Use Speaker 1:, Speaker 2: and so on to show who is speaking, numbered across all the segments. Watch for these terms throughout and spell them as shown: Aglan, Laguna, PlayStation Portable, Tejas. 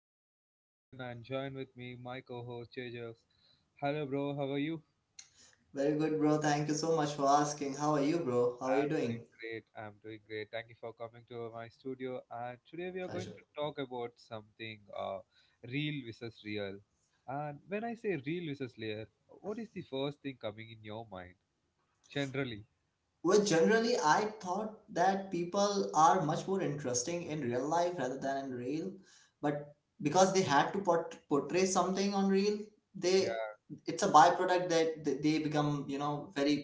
Speaker 1: is your host Aglan and join with me my co-host Tejas. Hello bro, how are you?
Speaker 2: Very good, bro. Thank you so much for asking. How are you, bro? How are you
Speaker 1: I'm
Speaker 2: doing?
Speaker 1: great. I'm doing great. Thank you for coming to my studio and today we are going
Speaker 2: Pleasure.
Speaker 1: to talk about something real versus real. And when I say real versus layer, what is the first thing coming in your mind generally?
Speaker 2: Well, generally, I thought that people are much more interesting in real life rather than in reel, but because they had to portray something on reel, they it's a byproduct that they become very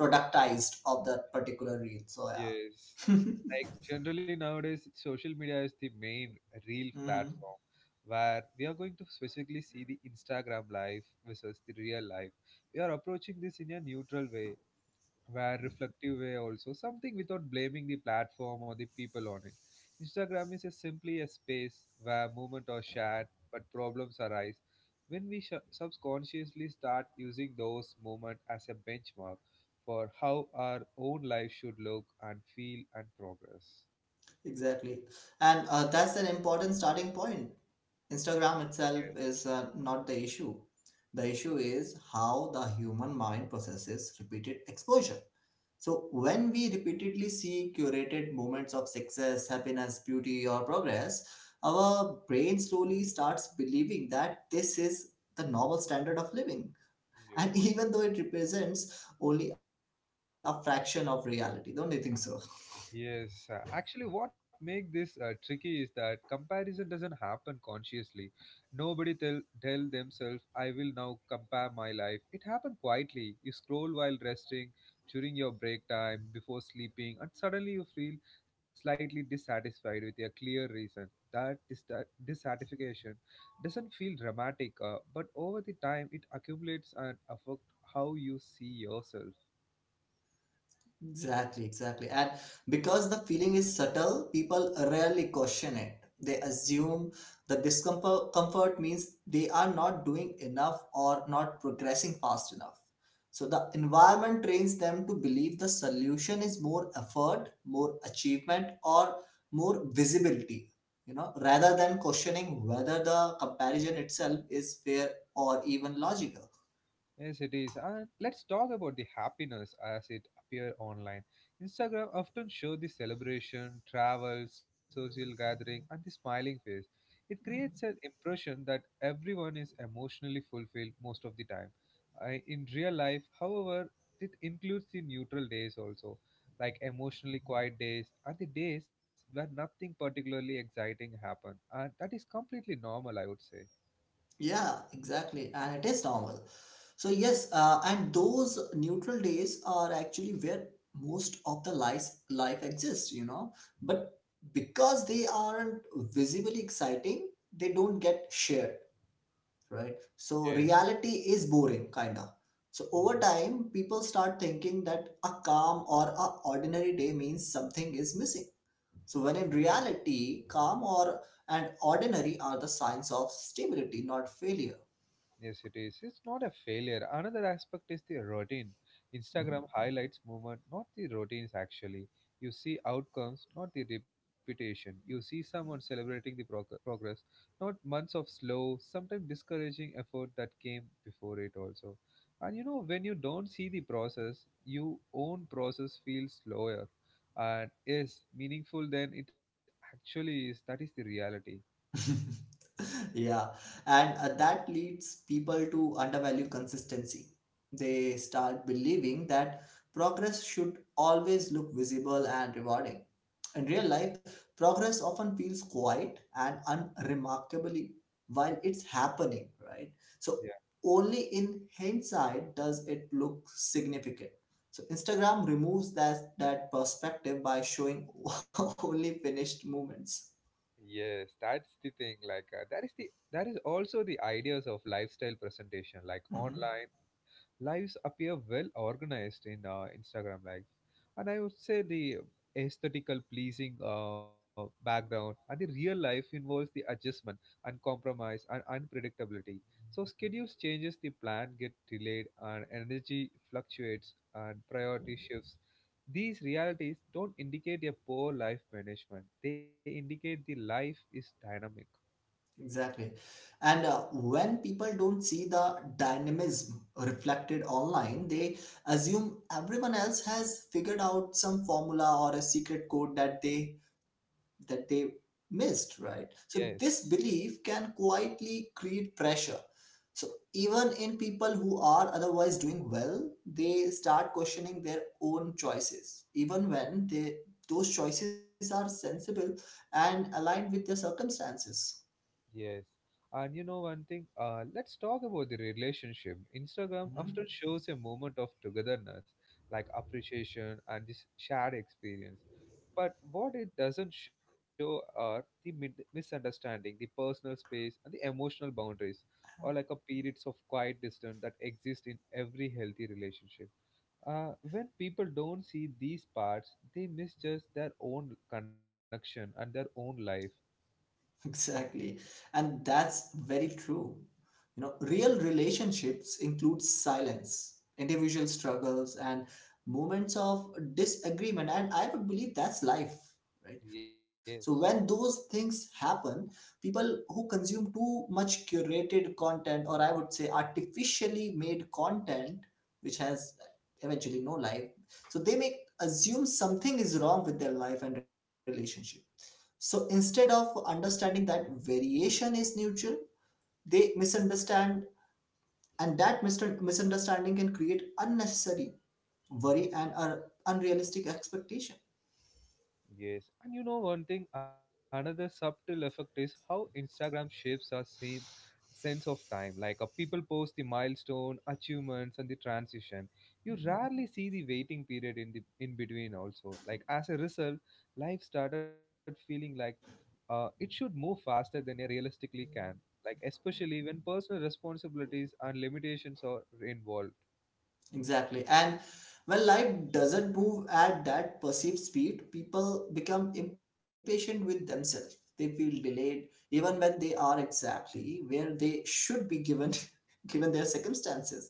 Speaker 2: productized of that particular reel. So
Speaker 1: Yes.
Speaker 2: yeah,
Speaker 1: Like generally nowadays, social media is the main real
Speaker 2: hmm
Speaker 1: platform where we are going to specifically see the Instagram life versus the real life. We are approaching this in a neutral way where reflective way also something without blaming the platform or the people on it. Instagram is a simply a space where movement are shared, but problems arise when we subconsciously start using those movement as a benchmark for how our own life should look and feel and progress.
Speaker 2: exactly, and that's an important starting point. Instagram itself
Speaker 1: Yes.
Speaker 2: is not the issue. The issue is how the human mind processes repeated exposure. So, when we repeatedly see curated moments of success, happiness, beauty, or progress, our brain slowly starts believing that this is the normal standard of living. And
Speaker 1: Yes.
Speaker 2: even though it represents only a fraction of reality, don't you think so?
Speaker 1: Yes, actually, what make this tricky is that comparison doesn't happen consciously. Nobody tell themselves, "I will now compare my life." It happened quietly. You scroll while resting, during your break time, before sleeping, and suddenly you feel slightly dissatisfied with a clear reason. That dissatisfaction doesn't feel dramatic, but over the time, it accumulates and affect how you see yourself.
Speaker 2: Exactly, exactly. And because the feeling is subtle, people rarely question it. They assume the discomfort comfort means they are not doing enough or not progressing fast enough. So the environment trains them to believe the solution is more effort, more achievement, or more visibility, you know, rather than questioning whether the comparison itself is fair or even logical.
Speaker 1: Yes, it is. And let's talk about the happiness as it appear online. Instagram often show the celebration, travel, social gathering, and the smiling face. It creates an impression that everyone is emotionally fulfilled most of the time. I, in real life, however, it includes the neutral days also, like emotionally quiet days and the days where nothing particularly exciting happen, and that is completely normal, I would say.
Speaker 2: Yeah, exactly. And it is normal. So, yes, and those neutral days are actually where most of the life exists, you know. But because they aren't visibly exciting, they don't get shared, right? So,
Speaker 1: Yes.
Speaker 2: reality is boring, kinda. So,
Speaker 1: Hmm.
Speaker 2: over time, people start thinking that a calm or a ordinary day means something is missing. So, when in
Speaker 1: Yes.
Speaker 2: reality, calm or and ordinary are the signs of stability, not failure.
Speaker 1: Yes, it is. It's not a failure. Another aspect is the routine.
Speaker 2: Hmm?
Speaker 1: Instagram highlights movement, not the routines actually. You see outcomes, not the repetition. You see someone celebrating the progress, not months of slow, sometimes discouraging effort that came before it also. And you know, when you don't see the process, your own process feels slower and is meaningful than it actually is. That is the reality.
Speaker 2: Yeah, and that leads people to undervalue consistency. They start believing that progress should always look visible and rewarding. In real life, progress often feels quiet and unremarkably while it's happening, right? So, only in hindsight does it look significant. So, Instagram removes that perspective by showing only finished moments.
Speaker 1: Yes, that's the thing. Like that is the that is also the ideas of lifestyle presentation, like online lives appear well organized in Instagram life. And I would say the aesthetical pleasing background and the real life involves the adjustment and compromise and unpredictability. So schedules changes, the plan get delayed, and energy fluctuates and priority shifts. These realities don't indicate a poor life management. They indicate the life is dynamic.
Speaker 2: Exactly. And when people don't see the dynamism reflected online, they assume everyone else has figured out some formula or a secret code that they missed, right? So this
Speaker 1: Yes.
Speaker 2: belief can quietly create pressure. So even in people who are otherwise doing well, they start questioning their own choices, even when they those choices are sensible and aligned with their circumstances.
Speaker 1: Yes. And you know one thing, let's talk about the relationship. Instagram often
Speaker 2: Mhm.
Speaker 1: shows a moment of togetherness, like appreciation and this shared experience. But what it doesn't show are the misunderstanding, the personal space, and the emotional boundaries, or like a periods of quiet distance that exist in every healthy relationship. When people don't see these parts, they miss just their own connection and their own life.
Speaker 2: Exactly. And that's very true. You know, real relationships include silence, individual struggles, and moments of disagreement. And I would believe that's life, right? So
Speaker 1: Yes.
Speaker 2: when those things happen, people who consume too much curated content, or I would say artificially made content, which has eventually no life, so they may assume something is wrong with their life and relationship, so instead of understanding that variation is neutral, they misunderstand, and that misunderstanding can create unnecessary worry and unrealistic expectations.
Speaker 1: Yes, and you know one thing, another subtle effect is how Instagram shapes our sense of time. Like people post the milestone, achievements, and the transition. You rarely see the waiting period in the in between. Also, like as a result, life started feeling like it should move faster than it realistically can. Like especially when personal responsibilities and limitations are involved.
Speaker 2: Exactly. And when life doesn't move at that perceived speed, people become impatient with themselves. They feel delayed, even when they are exactly where they should be given, given their circumstances.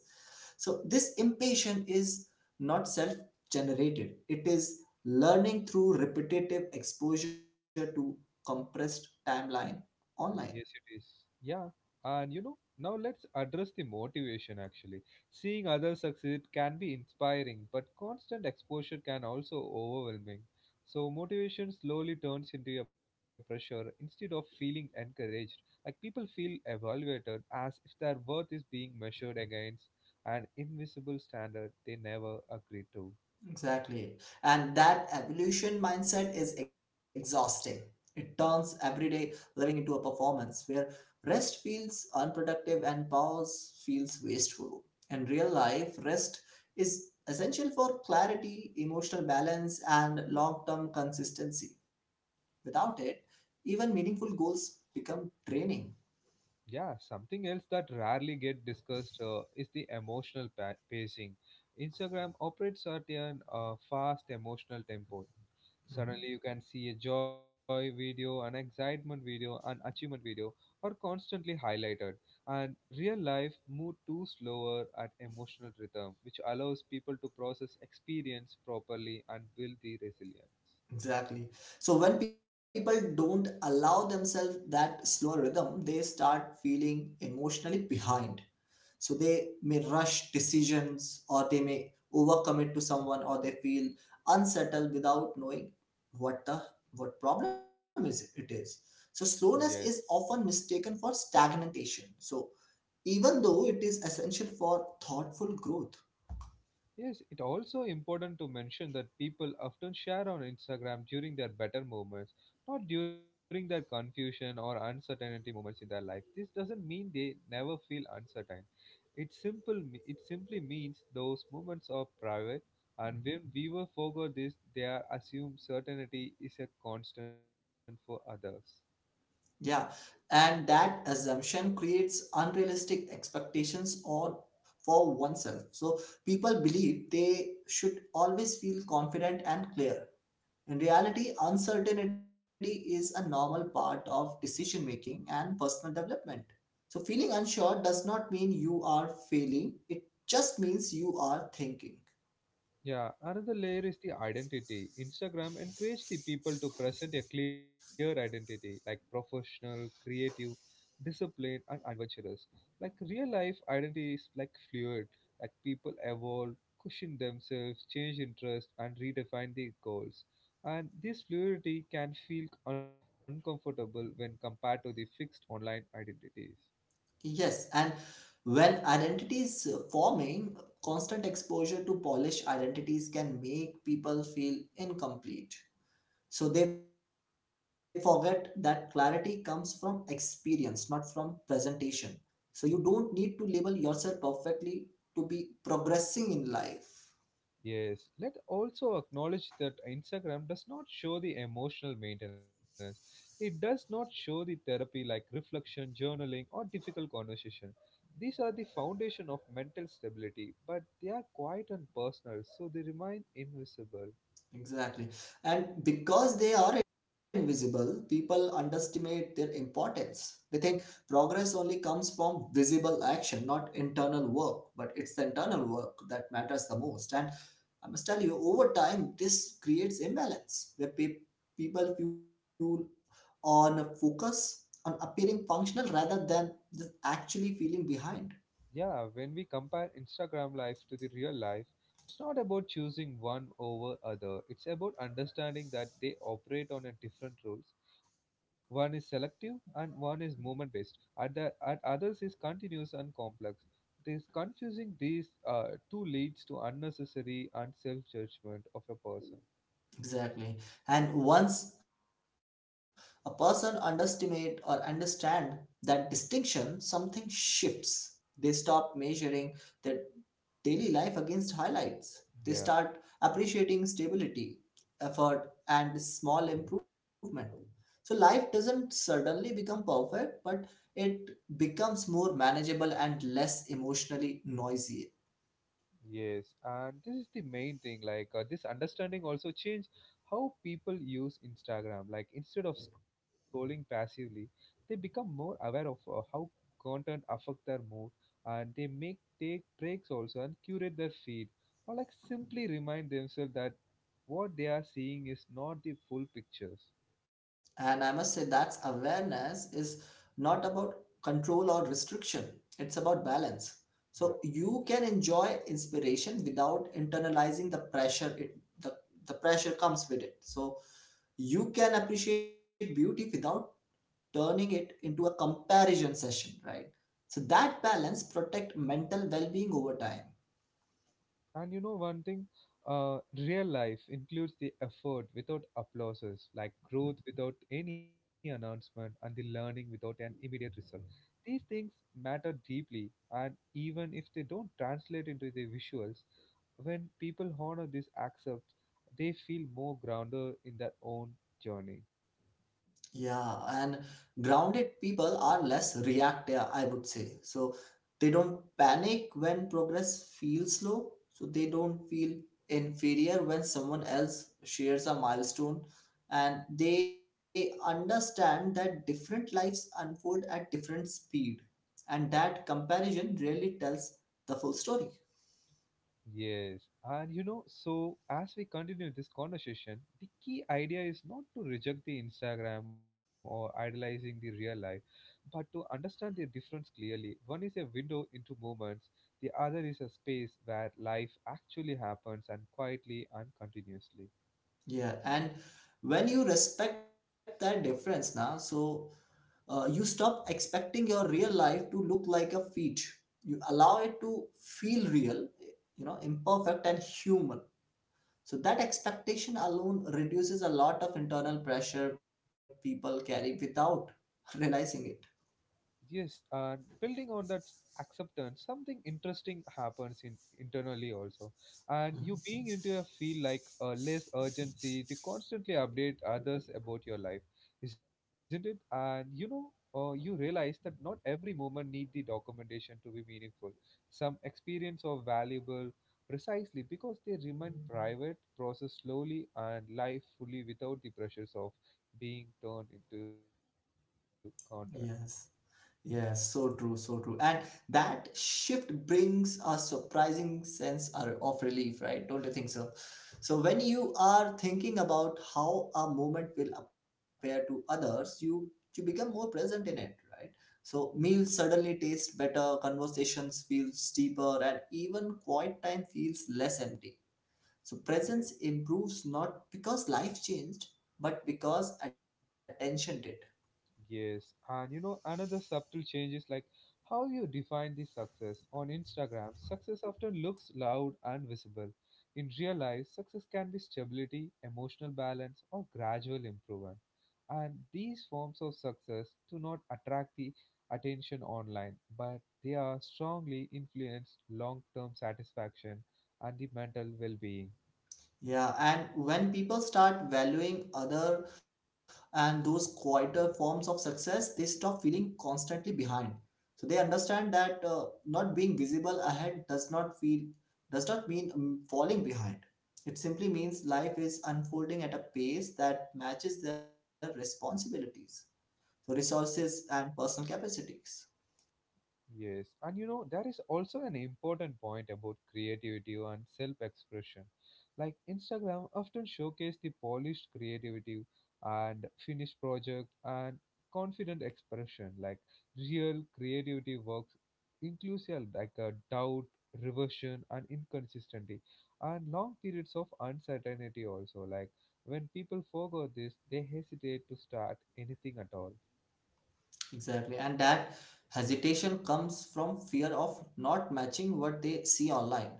Speaker 2: So this impatience is not self-generated. It is learning through repetitive exposure to compressed timeline online.
Speaker 1: Yes, it is. Yeah. And you know, now let's address the motivation actually. Seeing others succeed can be inspiring, but constant exposure can also overwhelming. So motivation slowly turns into a pressure instead of feeling encouraged. Like people feel evaluated as if their worth is being measured against an invisible standard they never agreed to.
Speaker 2: Exactly. And that evolution mindset is exhausting. It turns everyday living into a performance where rest feels unproductive and pause feels wasteful. In real life, rest is essential for clarity, emotional balance, and long term consistency. Without it, even meaningful goals become draining.
Speaker 1: Yeah, something else that rarely get discussed is the emotional pacing. Instagram operates at a fast emotional tempo.
Speaker 2: Mhm.
Speaker 1: Suddenly, you can see a joy video, an excitement video, an achievement video are constantly highlighted. And real life moved too slower at emotional rhythm, which allows people to process experience properly and build the resilience.
Speaker 2: Exactly. So when people don't allow themselves that slower rhythm, they start feeling emotionally behind. So they may rush decisions or they may overcommit to someone or they feel unsettled without knowing what the what problem is it is. So slowness
Speaker 1: Yes.
Speaker 2: is often mistaken for stagnation. So even though it is essential for thoughtful growth.
Speaker 1: Yes, it also important to mention that people often share on Instagram during their better moments, not during their confusion or uncertainty moments in their life. This doesn't mean they never feel uncertain. It simply means those moments are private, and when we were forgot this, they are assume certainty is a constant for others.
Speaker 2: Yeah, and that assumption creates unrealistic expectations on for oneself. So people believe they should always feel confident and clear. In reality, uncertainty is a normal part of decision making and personal development. So feeling unsure does not mean you are failing, it just means you are thinking.
Speaker 1: Yeah, another layer is the identity. Instagram encourage the people to present a clear identity, like professional, creative, disciplined, and adventurous. Like real life identity is like fluid, like people evolve, cushion themselves, change interest, and redefine the goals. And this fluidity can feel uncomfortable when compared to the fixed online identities.
Speaker 2: Yes, and when identity is forming, constant exposure to polished identities can make people feel incomplete. So they forget that clarity comes from experience, not from presentation. So you don't need to label yourself perfectly to be progressing in life.
Speaker 1: Yes, let also acknowledge that Instagram does not show the emotional maintenance. It does not show the therapy like reflection, journaling, or difficult conversation. These are the foundation of mental stability, but they are quiet and personal, so they remain invisible.
Speaker 2: Exactly. And because they are invisible, people underestimate their importance. They think progress only comes from visible action, not internal work. But it's the internal work that matters the most. And I must tell you, over time, this creates imbalance where people feel on a focus on appearing functional rather than just actually feeling behind.
Speaker 1: Yeah, when we compare Instagram life to the real life, it's not about choosing one over other. It's about understanding that they operate on a different rules. One is selective and one is moment based. And the and others is continuous and complex. This confusing these two leads to unnecessary and self judgment of a person.
Speaker 2: Exactly. And once a person underestimate or understand that distinction, something shifts. They stop measuring their daily life against highlights.
Speaker 1: Yeah.
Speaker 2: They start appreciating stability, effort, and small improvement. So life doesn't suddenly become perfect, but it becomes more manageable and less emotionally noisy.
Speaker 1: Yes, and this is the main thing. Like this understanding also changed how people use Instagram. Like instead of scrolling passively, they become more aware of how content affect their mood, and they make take breaks also and curate their feed, or like simply remind themselves that what they are seeing is not the full pictures.
Speaker 2: And I must say that's awareness is not about control or restriction. It's about balance.
Speaker 1: Yeah.
Speaker 2: So you can enjoy inspiration without internalizing the pressure comes with it. So you can appreciate beauty without turning it into a comparison session, right? So that balance protect mental well-being over time.
Speaker 1: And you know one thing, real life includes the effort without applauses, like growth without any announcement, and the learning without an immediate result. These things matter deeply, and even if they don't translate into the visuals, when people honor this accept, they feel more grounded in their own journey.
Speaker 2: Yeah, and grounded people are less reactive, I would say. So they don't panic when progress feels slow. So they don't feel inferior when someone else shares a milestone. And they understand that different lives unfold at different speed. And that comparison really tells the full story.
Speaker 1: Yes, and you know, so as we continue this conversation, the key idea is not to reject the Instagram or idolizing the real life, but to understand the difference clearly. One is a window into moments; the other is a space where life actually happens and quietly and continuously.
Speaker 2: Yeah, and when you respect that difference now, so you stop expecting your real life to look like a feat, you allow it to feel real, you know, imperfect and human, so that expectation alone reduces a lot of internal pressure people carry without realizing it.
Speaker 1: Yes, and building on that acceptance, something interesting happens in internally also. And you being into a feel like a less urgency to constantly update others about your life, isn't it? And you know, you realize that not every moment need the documentation to be meaningful. Some experience are valuable precisely because they remain private, processed slowly, and life fully without the pressures of being turned into content.
Speaker 2: Yes. Yes, so true, so true. And that shift brings a surprising of relief, right? Don't you think so? So when you are thinking about how a moment will appear to others, you become more present in it, right? So meals suddenly taste better, conversations feel steeper, and even quiet time feels less empty. So presence
Speaker 1: Yes.
Speaker 2: improves not because life changed, but because attention did.
Speaker 1: Yes, and you know, another subtle change is like how you define the success. On Instagram, success often looks loud and visible. In real life, success can be stability, emotional balance, or gradual improvement. And these forms of success do not attract the attention online, but they are strongly influence long term satisfaction and the mental well being.
Speaker 2: Yeah, and when people start valuing other and those quieter forms of success, they stop feeling constantly behind. So they understand that not being visible ahead does not mean falling behind. It simply means life is unfolding at a pace that matches their responsibilities, so resources and personal capacities.
Speaker 1: Yes, and you know, there is also an important point about creativity and self expression. Like Instagram often showcase the polished creativity and finished project and confident expression. Like real creativity works inclusive like a doubt, reversion and inconsistency and long periods of uncertainty also. Like when people forego this they hesitate to start anything at all.
Speaker 2: Exactly, and that hesitation comes from fear of not matching what they see online.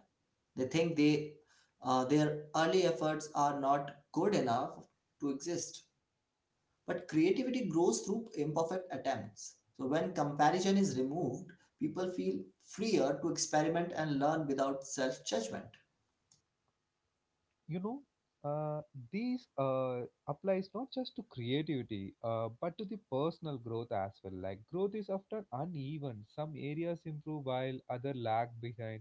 Speaker 2: They think they, their early efforts are not good enough to exist. But creativity grows through imperfect attempts. So when comparison is removed, people feel freer to experiment and learn without self judgment.
Speaker 1: You know, uh, these applies not just to creativity but to the personal growth as well. Like growth is often uneven, some areas improve while other lag behind,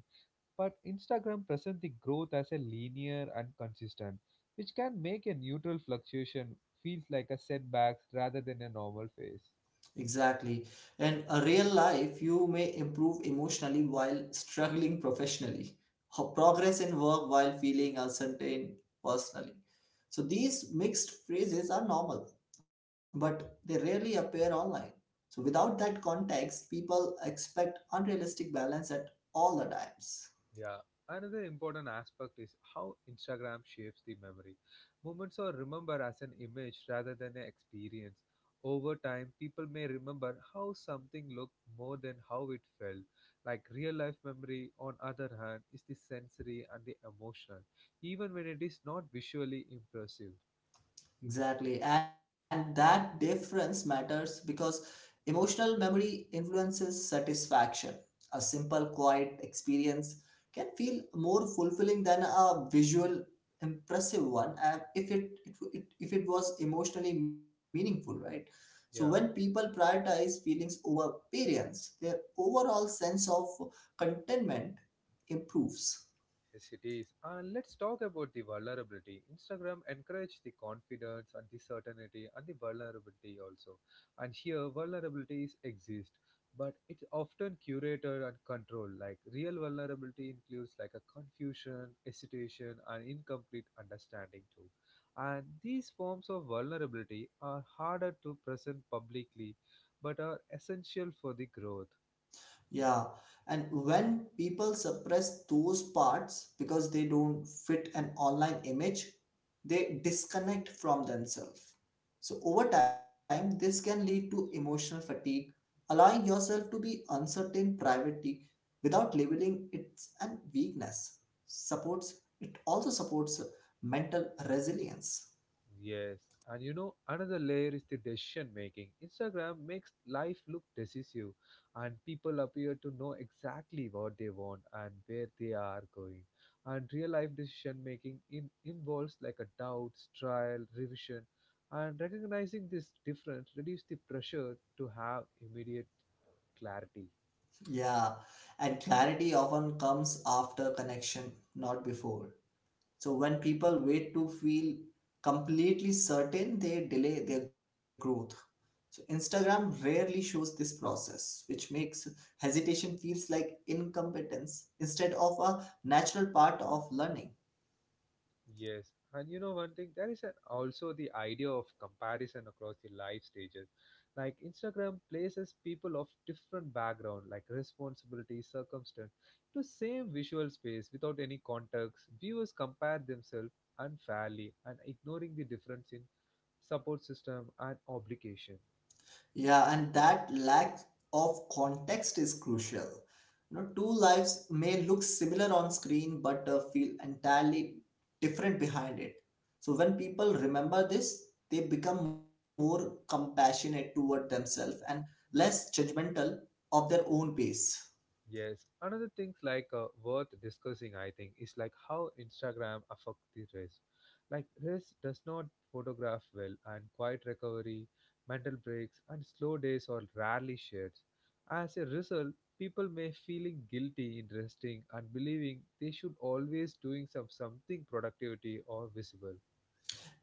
Speaker 1: but Instagram presents the growth as a linear and consistent, which can make a neutral fluctuation feels like a setback rather than a normal phase.
Speaker 2: Exactly. And a real life, you may improve emotionally while struggling professionally, or progress in work while feeling uncertain personally. So these mixed phrases are normal, but they rarely appear online. So without that context, people expect unrealistic balance at all the times.
Speaker 1: Yeah. Another important aspect is how Instagram shapes the memory. Moments are remembered as an image rather than an experience. Over time, people may remember how something looked more than how it felt. Like real life memory, on other hand, is the sensory and the emotional, even when it is not visually impressive.
Speaker 2: Exactly. And that difference matters because emotional memory influences satisfaction. A simple, quiet experience can feel more fulfilling than a visual, impressive one, and if it, it, it if it was emotionally meaningful, right? So when
Speaker 1: Yeah.
Speaker 2: people prioritize feelings over appearance, their overall sense of contentment improves.
Speaker 1: Yes, it is. And let's talk about the vulnerability. Instagram encourage the confidence and the certainty and the vulnerability also. And here vulnerabilities exist, but it's often curated and controlled. Like real vulnerability includes like a confusion, hesitation, and incomplete understanding too. And these forms of vulnerability are harder to present publicly, but are essential for the growth.
Speaker 2: Yeah, and when people suppress those parts because they don't fit an online image, they disconnect from themselves. So, over time, this can lead to emotional fatigue, allowing yourself to be uncertain privately without labeling it an weakness. Supports it also supports mental resilience.
Speaker 1: Yes, and you know, another layer is the decision making. Instagram makes life look decisive, and people appear to know exactly what they want and where they are going. And real life decision making in, involves like a doubts, trial, revision, and recognizing this difference reduces the pressure to have immediate clarity.
Speaker 2: Yeah, and clarity often comes after connection, not before. So when people wait to feel completely certain, they delay their growth. So Instagram rarely shows this process, which makes hesitation feels like incompetence instead of a natural part of learning.
Speaker 1: Yes, and you know one thing, there is an, also the idea of comparison across the life stages. Like Instagram places people of different background, like responsibility, circumstance, to same visual space without any context. Viewers compare themselves unfairly and ignoring the difference in support system and obligation.
Speaker 2: Yeah, and that lack of context is crucial. You know, two lives may look similar on screen but feel entirely different behind it. So when people remember this, they become more compassionate toward themselves and less judgmental of their own pace.
Speaker 1: Yes, another things like worth discussing, I think, is like how Instagram affect the race. Like race does not photograph well, and quiet recovery, mental breaks, and slow days are rarely shared. As a result, people may feeling guilty in resting and believing they should always doing something productivity or visible.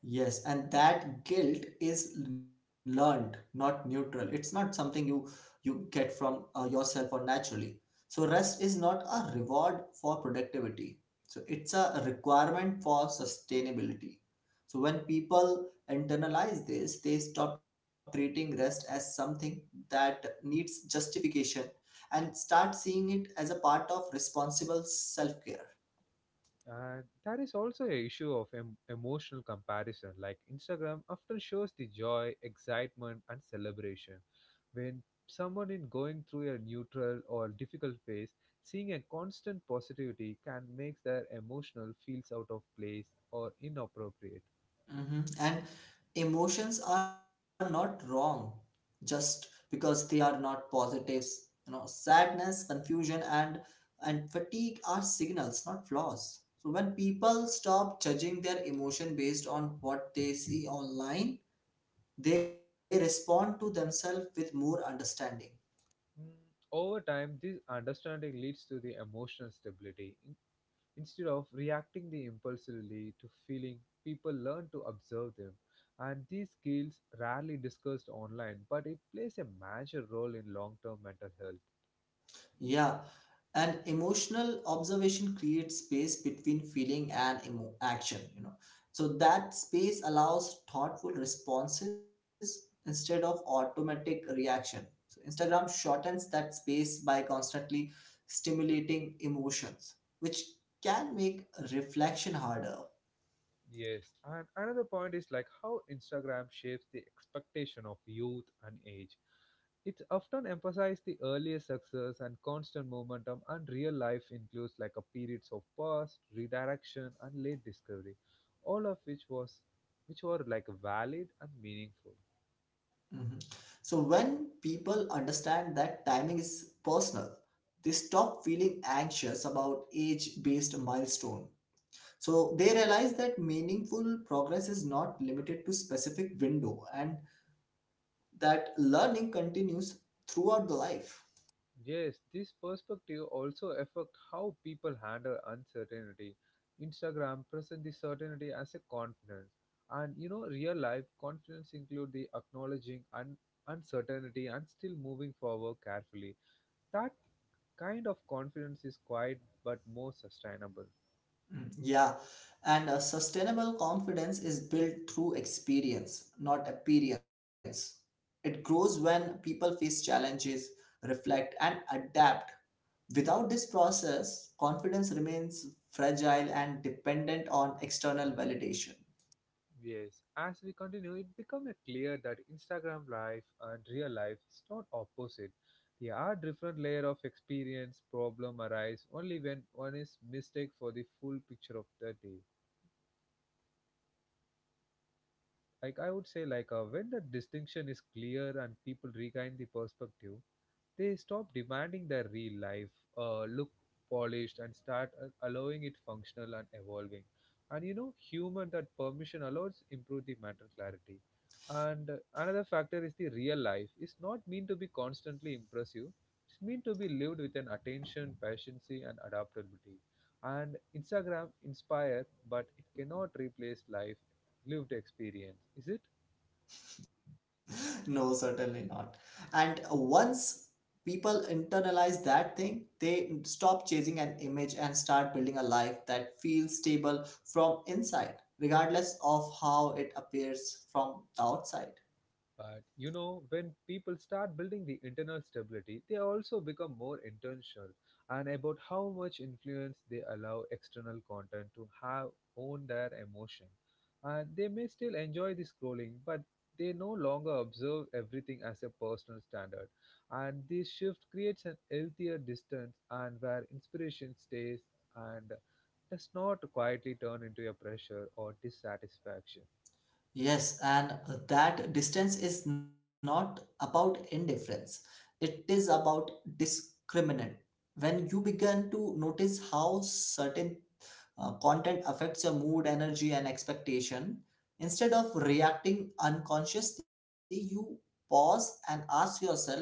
Speaker 2: Yes, and that guilt is learned, not neutral. It's not something you get from yourself or naturally. So rest is not a reward for productivity. So it's a requirement for sustainability. So when people internalize this, they stop treating rest as something that needs justification and start seeing it as a part of responsible self-care.
Speaker 1: And there is also a issue of emotional comparison. Like Instagram often shows the joy, excitement, and celebration. When someone in going through a neutral or difficult phase, seeing a constant positivity can make their emotional feels out of place or inappropriate.
Speaker 2: Hmm. And emotions are not wrong just because they are not positives. You know, sadness, confusion, and fatigue are signals, not flaws. So when people stop judging their emotion based on what they see online, they respond to themselves with more understanding.
Speaker 1: Mm, over time, this understanding leads to the emotional stability, instead of reacting the impulsively to feeling, people learn to observe them. And these skills rarely discussed online, but it plays a major role in long-term mental health.
Speaker 2: Yeah, and emotional observation creates space between feeling and action, you know. So that space allows thoughtful responses instead of automatic reaction. So Instagram shortens that space by constantly stimulating emotions, which can make reflection harder.
Speaker 1: Yes, and another point is like how Instagram shapes the expectation of youth and age. It often emphasizes the earlier success and constant momentum, and real life includes like a periods of pause, redirection, and late discovery, all of which was which were like valid and meaningful.
Speaker 2: Mhm. So when people understand that timing is personal, they stop feeling anxious about age-based milestone. So they realize that meaningful progress is not limited to specific window and that learning continues throughout the life.
Speaker 1: Yes, this perspective also affect how people handle uncertainty. Instagram present the certainty as a confidence, and you know, real life confidence include the acknowledging uncertainty and still moving forward carefully. That kind of confidence is quiet but more sustainable.
Speaker 2: Yeah. And a sustainable confidence is built through experience, not appearance. It grows when people face challenges, reflect, and adapt. Without this process, confidence remains fragile and dependent on external validation.
Speaker 1: Yes, as we continue, it becomes clear that Instagram life and real life is not opposite. There are different layer of experience. Problem arise only when one is mistake for the full picture of the day. Like I would say like when the distinction is clear and people regain the perspective, they stop demanding their real life look polished and start allowing it functional and evolving, and you know human, that permission allows improve the mental clarity. And another factor is the real life is not meant to be constantly impressive, it's meant to be lived with an attention, patience, and adaptability, and Instagram inspire, but it cannot replace life lived experience, is it?
Speaker 2: No, certainly not. And once people internalize that thing, they stop chasing an image and start building a life that feels stable from inside, regardless of how it appears from the outside.
Speaker 1: But you know, when people start building the internal stability, they also become more intentional and about how much influence they allow external content to have on their emotion. And they may still enjoy the scrolling, but they no longer observe everything as a personal standard. And this shift creates an healthier distance and where inspiration stays and does not quietly turn into a pressure or dissatisfaction.
Speaker 2: Yes, and that distance is not about indifference, it is about discriminant. When you begin to notice how certain content affects your mood, energy, and expectation. Instead of reacting unconsciously, you pause and ask yourself whether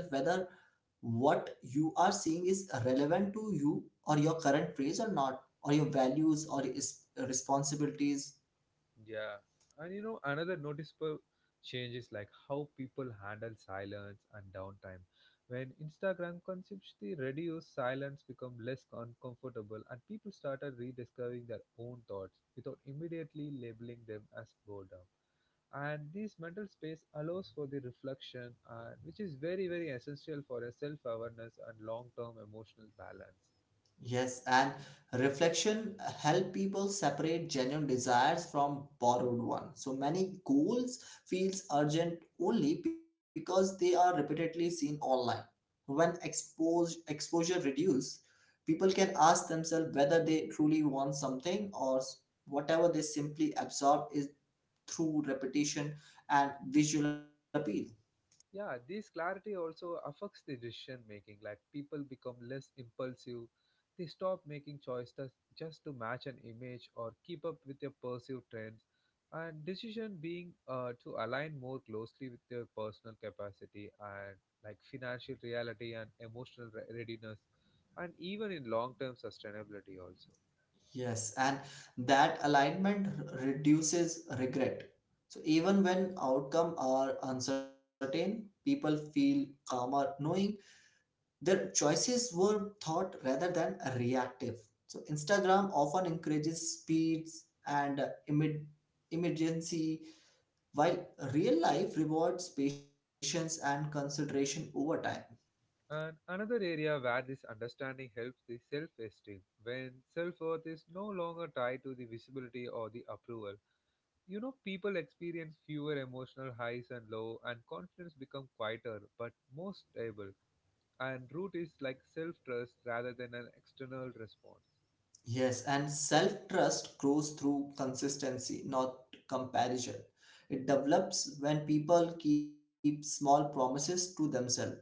Speaker 2: what you are seeing is relevant to you or your current phase or not, or your values or responsibilities.
Speaker 1: Yeah, and you know, another noticeable change is like how people handle silence and downtime. When Instagram consumption reduced, silence become less uncomfortable, and people started rediscovering their own thoughts without immediately labeling them as boredom. And this mental space allows for the reflection, and which is very, very essential for a self-awareness and long-term emotional balance.
Speaker 2: Yes, and reflection help people separate genuine desires from borrowed ones. So many goals feels urgent only because they are repeatedly seen online. When exposure reduces, people can ask themselves whether they truly want something or whatever they simply absorb is through repetition and visual appeal.
Speaker 1: Yeah, this clarity also affects the decision making, like people become less impulsive. They stop making choices just to match an image or keep up with their perceived trends, and decision being to align more closely with their personal capacity and like financial reality and emotional readiness, and even in long term sustainability also.
Speaker 2: Yes, and that alignment reduces regret. So even when outcome are uncertain, people feel calmer knowing their choices were thought rather than reactive. So Instagram often encourages speeds and emergency, while real life rewards patience and consideration over time.
Speaker 1: And another area where this understanding helps is self esteem, when self worth is no longer tied to the visibility or the approval. You know, people experience fewer emotional highs and lows, and confidence becomes quieter but more stable. And root is like self trust rather than an external response.
Speaker 2: Yes, and self trust grows through consistency, not comparison. It develops when people keep small promises to themselves.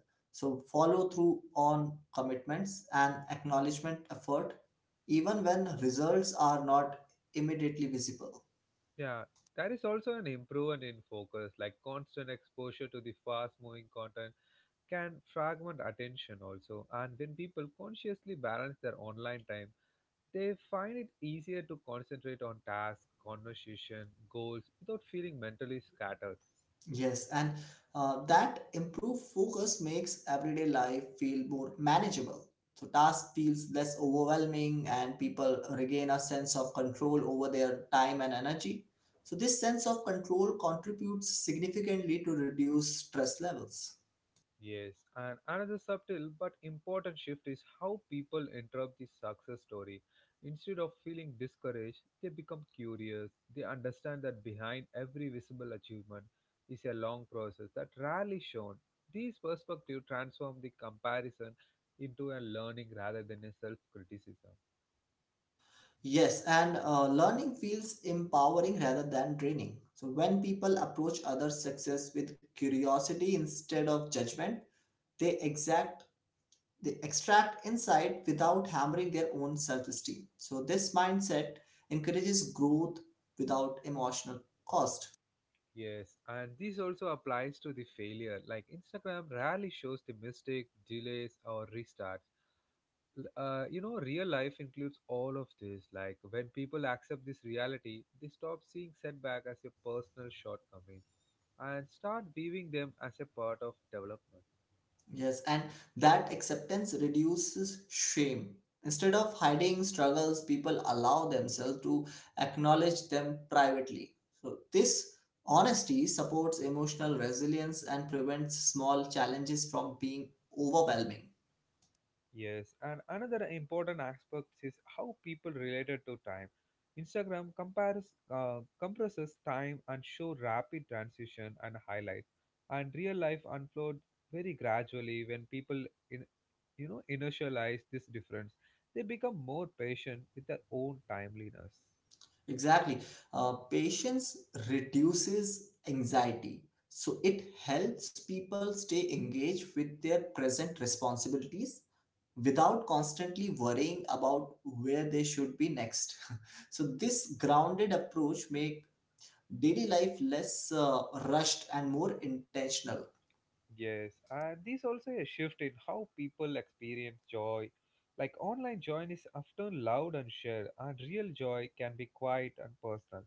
Speaker 2: So, follow through on commitments and acknowledgement effort, even when results are not immediately visible.
Speaker 1: Yeah, there is also an improvement in focus, like constant exposure to the fast moving content can fragment attention also. And when people consciously balance their online time, they find it easier to concentrate on tasks, conversation, goals without feeling mentally scattered.
Speaker 2: Yes, and that improved focus makes everyday life feel more manageable. So, task feels less overwhelming, and people regain a sense of control over their time and energy. So, this sense of control contributes significantly to reduce stress levels.
Speaker 1: Yes, and another subtle but important shift is how people interrupt the success story. Instead of feeling discouraged, they become curious. They understand that behind every visible achievement is a long process that rarely shown. These perspectives transform the comparison into a learning rather than a self criticism.
Speaker 2: Yes, and learning feels empowering rather than draining. So, when people approach other success with curiosity instead of judgment, they exact they extract insight without hammering their own self-esteem. So, this mindset encourages growth without emotional cost.
Speaker 1: Yes, and this also applies to the failure. Like Instagram rarely shows the mistake, delays, or restarts. You know, real life includes all of this. Like when people accept this reality, they stop seeing setback as a personal shortcoming and start viewing them as a part of development.
Speaker 2: Yes, and that acceptance reduces shame. Instead of hiding struggles, people allow themselves to acknowledge them privately. So, this honesty supports emotional resilience and prevents small challenges from being overwhelming.
Speaker 1: Yes, and another important aspect is how people related to time. Instagram compares compresses time and show rapid transition and highlight, and real life unfold very gradually. When people you you know inertialize this difference, they become more patient with their own timeliness.
Speaker 2: Exactly. Patience reduces anxiety. So, it helps people stay engaged with their present responsibilities without constantly worrying about where they should be next. So this grounded approach make daily life less rushed and more intentional.
Speaker 1: Yes, and this also a shift in how people experience joy, like online joy is often loud and shared, and real joy can be quiet and personal.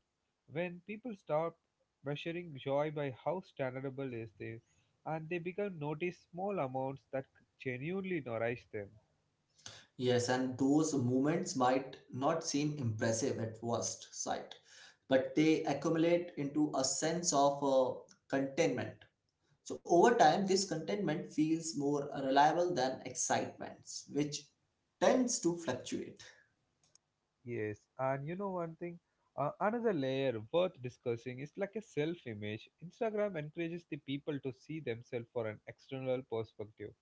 Speaker 1: When people stop measuring joy by how standardable is they, and they become notice small amounts that genuinely nourish them.
Speaker 2: Yes, and those moments might not seem impressive at first sight, but they accumulate into a sense of contentment. So over time, this contentment feels more reliable than excitements, which tends to fluctuate.
Speaker 1: Yes, and you know one thing, another layer worth discussing is like a self image. Instagram encourages the people to see themselves for an external perspective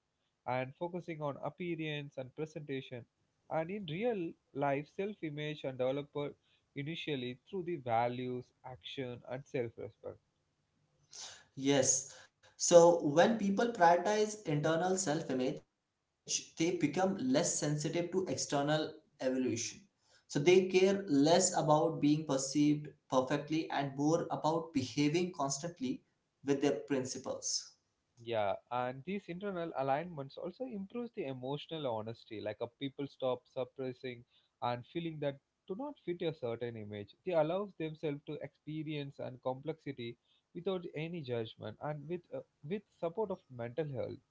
Speaker 1: and focusing on appearance and presentation. And in real life, self image and developer initially through the values, action, and self respect.
Speaker 2: Yes. So when people prioritize internal self-image, they become less sensitive to external evaluation. So they care less about being perceived perfectly and more about behaving constantly with their principles.
Speaker 1: Yeah, and these internal alignments also improves the emotional honesty, like a people stop suppressing and feeling that do not fit a certain image. They allows themselves to experience and complexity without any judgment and with support of mental health.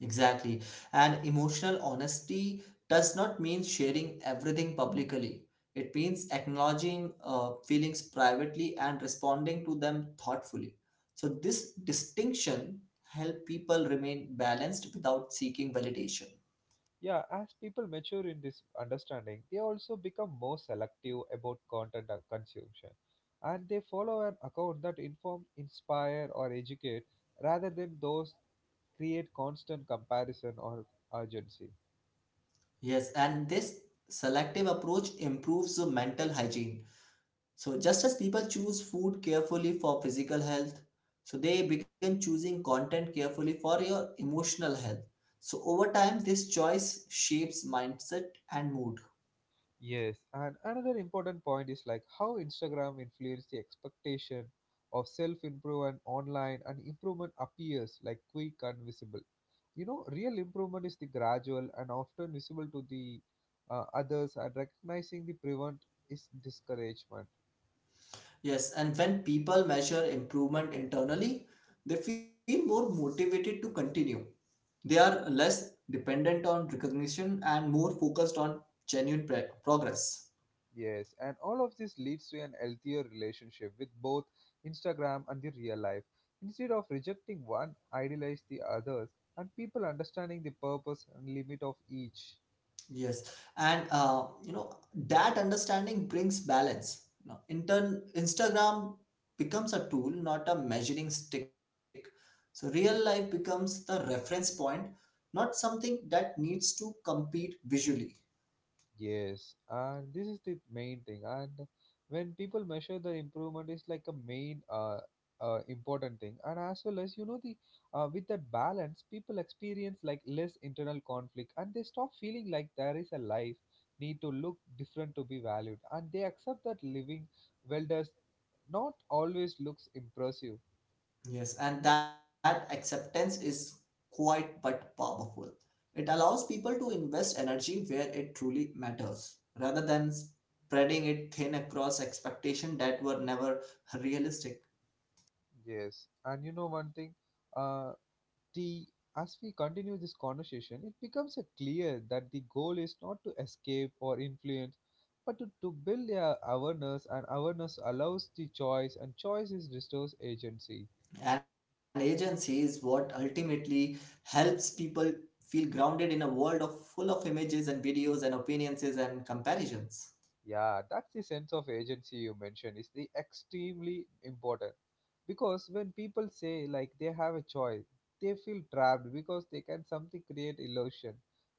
Speaker 2: Exactly. And emotional honesty does not mean sharing everything publicly. It means acknowledging feelings privately and responding to them thoughtfully. So this distinction help people remain balanced without seeking validation.
Speaker 1: Yeah, as people mature in this understanding, they also become more selective about content consumption, and they follow an account that inform, inspire, or educate rather than those create constant comparison or urgency.
Speaker 2: Yes, and this selective approach improves the mental hygiene. So, just as people choose food carefully for physical health, so they begin choosing content carefully for your emotional health. So, over time, this choice shapes mindset and mood.
Speaker 1: Yes, and another important point is like how Instagram influenced the expectation of self-improvement online, and improvement appears like quick and visible. You know, real improvement is the gradual and often visible to the others, and recognizing the prevent is discouragement.
Speaker 2: Yes, and when people measure improvement internally, they feel more motivated to continue. They are less dependent on recognition and more focused on progress.
Speaker 1: Yes, and all of this leads to an healthier relationship with both Instagram and the real life. Instead of rejecting one, idealize the others, and people understanding the purpose and limit of each.
Speaker 2: Yes, and that understanding brings balance. You know, in turn, Instagram becomes a tool, not a measuring stick. So real life becomes the reference point, not something that needs to compete visually.
Speaker 1: Yes, and this is the main thing. And when people measure the improvement, is like a main important thing. And as well as you know the with that balance, people experience like less internal conflict, and they stop feeling like there is a life need to look different to be valued, and they accept that living well does not always looks impressive.
Speaker 2: Yes, and that acceptance is quite but powerful. It allows people to invest energy where it truly matters, rather than spreading it thin across expectations that were never realistic.
Speaker 1: Yes, and you know one thing. Uh, the As we continue this conversation, it becomes clear that the goal is not to escape or influence, but to build a awareness, and awareness allows the choice, and choice is restores agency.
Speaker 2: An agency is what ultimately helps people feel grounded in a world of full of images and videos and opinions and comparisons.
Speaker 1: Yeah, that's the sense of agency you mentioned is the extremely important, because when people say like they have a choice, they feel trapped because they can something create illusion.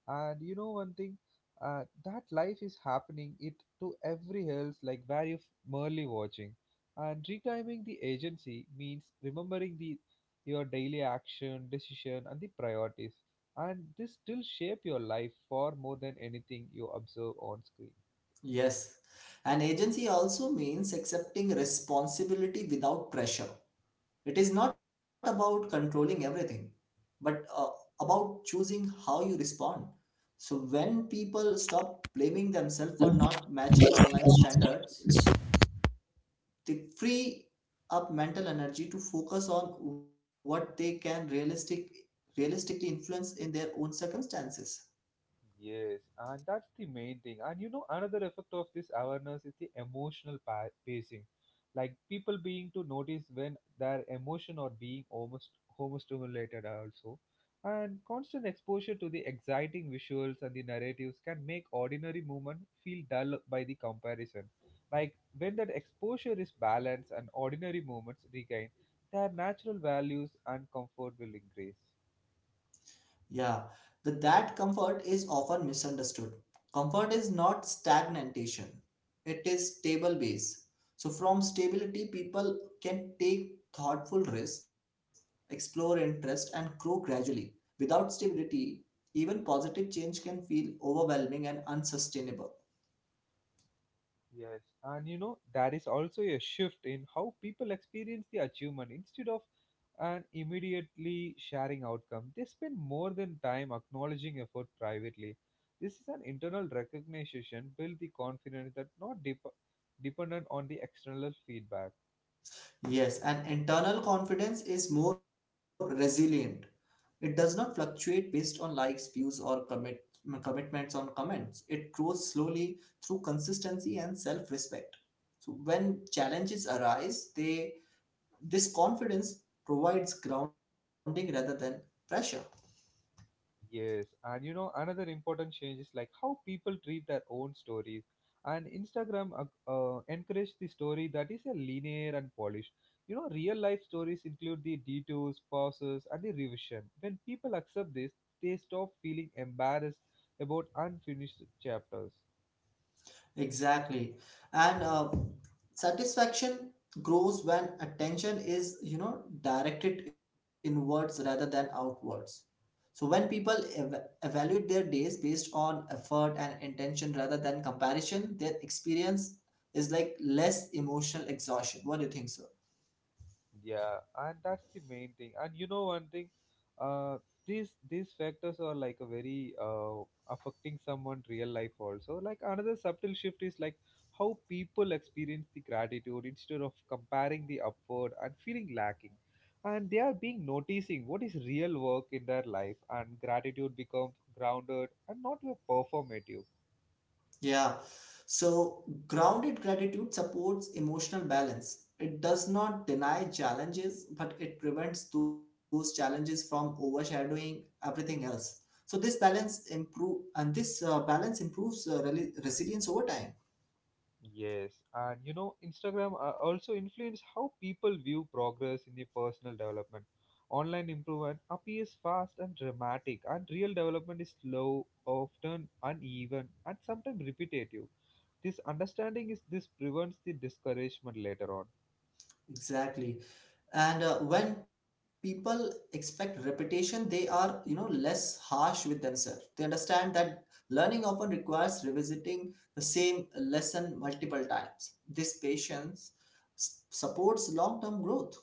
Speaker 1: And you know one thing, that life is happening it to every else, like where you merely watching, and reclaiming the agency means remembering the your daily action, decision, and the priorities, and this still shape your life far more than anything you observe on screen.
Speaker 2: Yes, an agency also means accepting responsibility without pressure. It is not about controlling everything, but about choosing how you respond. So when people stop blaming themselves for not matching online standards, they free up mental energy to focus on what they can realistically influence in their own circumstances.
Speaker 1: Yes, and that's the main thing. And you know, another effect of this awareness is the emotional pacing, like people being to notice when their emotion are being almost overstimulated also. And constant exposure to the exciting visuals and the narratives can make ordinary movement feel dull by the comparison. Like when that exposure is balanced and ordinary movements regain their natural values and comfort will increase.
Speaker 2: Yeah, that comfort is often misunderstood. Comfort is not stagnation, it is stable base. So, from stability, people can take thoughtful risks, explore interest, and grow gradually. Without stability, even positive change can feel overwhelming and unsustainable.
Speaker 1: Yes, and you know, there is also a shift in how people experience the achievement. Instead of an immediately sharing outcome, they spend more than time acknowledging effort privately. This is an internal recognition, build the confidence that not dependent on the external feedback.
Speaker 2: Yes, and internal confidence is more resilient. It does not fluctuate based on likes, views, or commitments on comments. It grows slowly through consistency and self-respect. So when challenges arise, they this confidence provides grounding rather than pressure.
Speaker 1: Yes, and you know, another important change is like how people treat their own stories. And Instagram encourage the story that is a linear and polished. You know, real life stories include the detours, pauses, and the revision. When people accept this, they stop feeling embarrassed about unfinished chapters.
Speaker 2: Exactly, and satisfaction grows when attention is, you know, directed inwards rather than outwards. So when people evaluate their days based on effort and intention rather than comparison, their experience is like less emotional exhaustion. What do you think, sir?
Speaker 1: Yeah, and that's the main thing. And you know one thing, uh, these factors are like a very affecting someone real life also. Like another subtle shift is like how people experience the gratitude, instead of comparing the upward and feeling lacking, and they are being noticing what is real work in their life, and gratitude becomes grounded and not your performative.
Speaker 2: Yeah. So grounded gratitude supports emotional balance. It does not deny challenges, but it prevents those challenges from overshadowing everything else. So this balance improve and this balance improves resilience over time.
Speaker 1: Yes, and you know, Instagram also influence how people view progress in the personal development. Online improvement appears fast and dramatic, and real development is slow, often uneven, and sometimes repetitive. This understanding is this prevents the discouragement later on.
Speaker 2: Exactly. And when people expect repetition, they are, you know, less harsh with themselves. They understand that learning often requires revisiting the same lesson multiple times. This patience supports long term growth.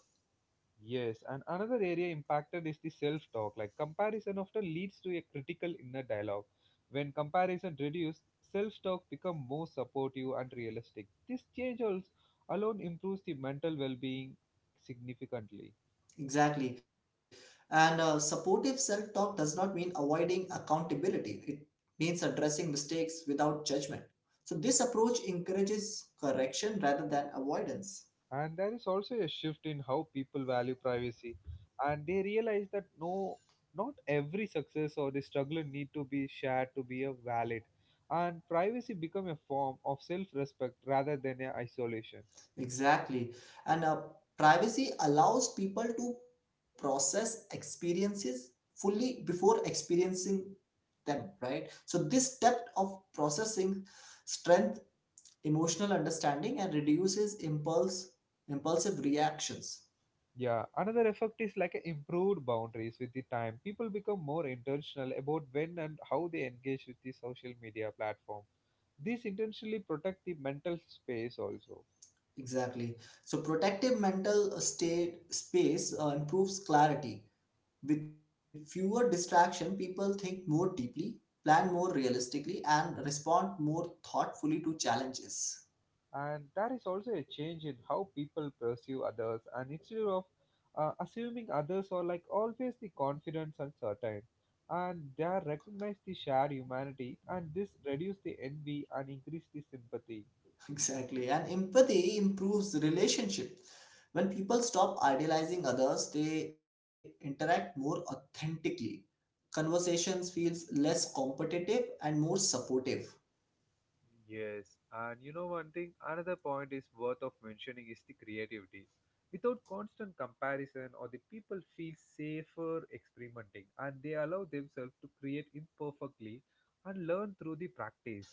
Speaker 1: Yes, and another area impacted is the self talk. Like comparison often leads to a critical inner dialogue. When comparison reduced, self talk become more supportive and realistic. This change also alone improves the mental well being significantly.
Speaker 2: Exactly, and supportive self talk does not mean avoiding accountability. It means addressing mistakes without judgment. So this approach encourages correction rather than avoidance.
Speaker 1: And there is also a shift in how people value privacy and they realize that no, not every success or the struggle need to be shared to be a valid, and privacy become a form of self respect rather than a isolation.
Speaker 2: Exactly. And privacy allows people to process experiences fully before experiencing them, right? So, this depth of processing strength emotional understanding and reduces impulse impulsive reactions.
Speaker 1: Yeah, another effect is like a improved boundaries with the time. People become more intentional about when and how they engage with the social media platform. This intentionally protect the mental space also.
Speaker 2: Exactly. So protective mental state space improves clarity. With fewer distraction, people think more deeply, plan more realistically, and respond more thoughtfully to challenges.
Speaker 1: And there is also a change in how people perceive others, and instead of assuming others are like always the confidence and certain, and they are recognize the shared humanity, and this reduce the envy and increase the sympathy.
Speaker 2: Exactly. And empathy improves the relationship. When people stop idealizing others, they interact more authentically. Conversations feels less competitive and more supportive.
Speaker 1: Yes, and you know one thing, another point is worth of mentioning is the creativity. Without constant comparison, or the people feel safer experimenting, and they allow themselves to create imperfectly and learn through the practice.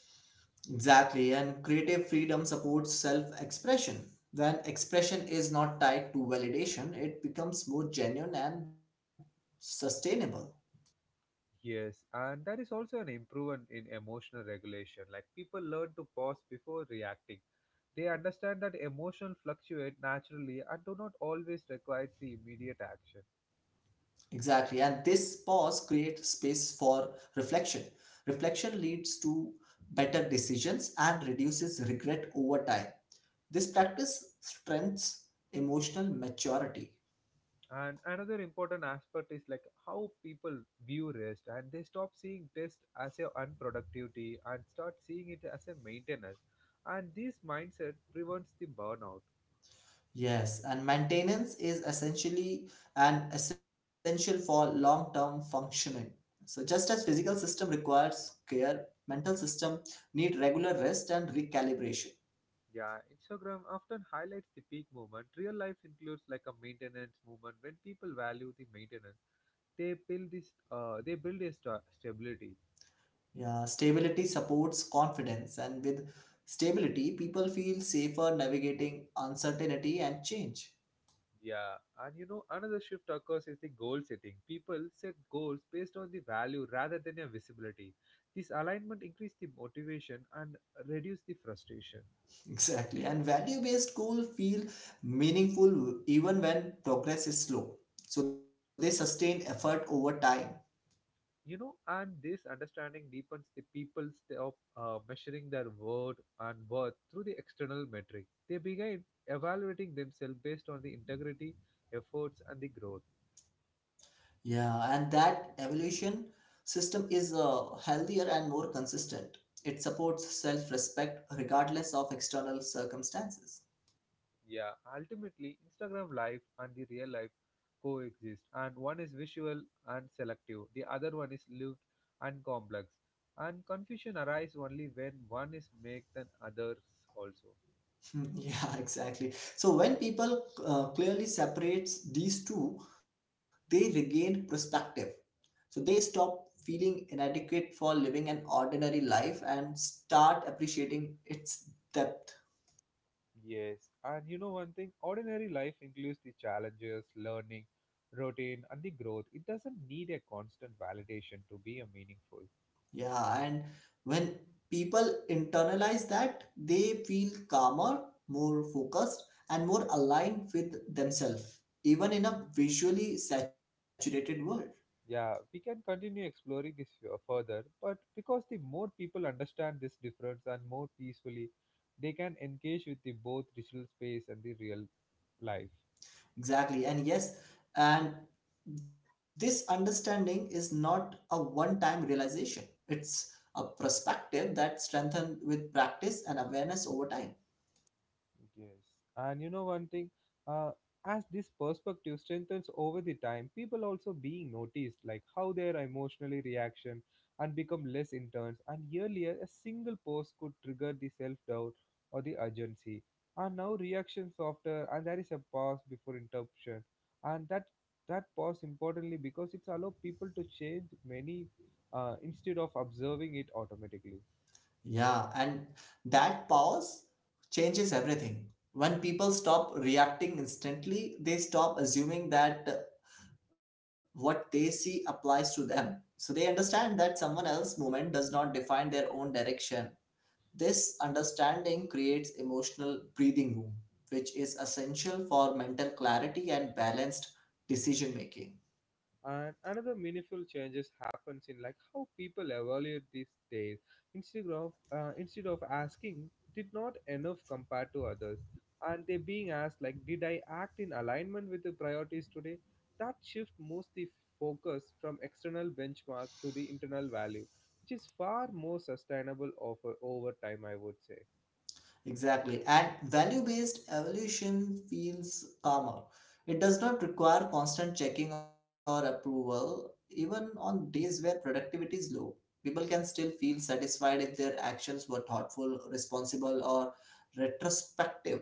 Speaker 2: Exactly. And creative freedom supports self-expression. When expression is not tied to validation, it becomes more genuine and sustainable.
Speaker 1: Yes, and there is also an improvement in emotional regulation. Like people learn to pause before reacting. They understand that emotions fluctuate naturally and do not always require the immediate action.
Speaker 2: Exactly. And this pause creates space for reflection. Reflection leads to better decisions and reduces regret over time. This practice strengthens emotional maturity.
Speaker 1: And another important aspect is like how people view rest, and they stop seeing rest as a unproductivity and start seeing it as a maintenance. And this mindset prevents the burnout.
Speaker 2: Yes, and maintenance is essentially an essential for long-term functioning. So just as physical system requires care, mental system need regular rest and recalibration.
Speaker 1: Yeah, Instagram often highlights the peak movement. Real life includes like a maintenance movement. When people value the maintenance, they build this they build a stability.
Speaker 2: Yeah, stability supports confidence, and with stability, people feel safer navigating uncertainty and change.
Speaker 1: Yeah, and you know, another shift occurs is the goal setting. People set goals based on the value rather than a visibility. This alignment increases the motivation and reduce the frustration.
Speaker 2: Exactly. And value based goals feel meaningful even when progress is slow. So they sustain effort over time.
Speaker 1: You know, and this understanding deepens the people's of measuring their worth and worth through the external metric. They begin evaluating themselves based on the integrity, efforts, and the growth.
Speaker 2: Yeah, and that evaluation system is healthier and more consistent. It supports self respect regardless of external circumstances.
Speaker 1: Yeah, ultimately, Instagram life and the real life coexist, and one is visual and selective, the other one is lived and complex. And confusion arises only when one is made than others also.
Speaker 2: Yeah, exactly. So when people clearly separates these two, they regain perspective. So they stop feeling inadequate for living an ordinary life and start appreciating its depth.
Speaker 1: Yes, and you know one thing, ordinary life includes the challenges, learning, routine, and the growth. It doesn't need a constant validation to be a meaningful.
Speaker 2: Yeah, and when people internalize that, they feel calmer, more focused, and more aligned with themselves, even in a visually saturated world.
Speaker 1: Yeah, we can continue exploring this further, but because the more people understand this difference and more peacefully, they can engage with the both digital space and the real life.
Speaker 2: Exactly. And yes, and this understanding is not a one time realization, it's a perspective that strengthened with practice and awareness over time.
Speaker 1: Yes, and you know one thing, uh, as this perspective strengthens over the time, people also being noticed, like how their emotionally reaction and become less intense. And earlier, a single post could trigger the self-doubt or the urgency, and now reactions after, and there is a pause before interruption, and that pause importantly because it's allow people to change many, instead of observing it automatically.
Speaker 2: Yeah, and that pause changes everything. When people stop reacting instantly, they stop assuming that what they see applies to them. So they understand that someone else's moment does not define their own direction. This understanding creates emotional breathing room, which is essential for mental clarity and balanced decision making.
Speaker 1: And another meaningful changes happens in like how people evaluate these days. Instead of asking, did not enough compared to others, and they being asked like, did I act in alignment with the priorities today? That shift moves the focus from external benchmark to the internal value, which is far more sustainable over time, I would say.
Speaker 2: Exactly. And value based evolution feels calmer. It does not require constant checking or approval, even on days where productivity is low. People can still feel satisfied if their actions were thoughtful, responsible, or retrospective.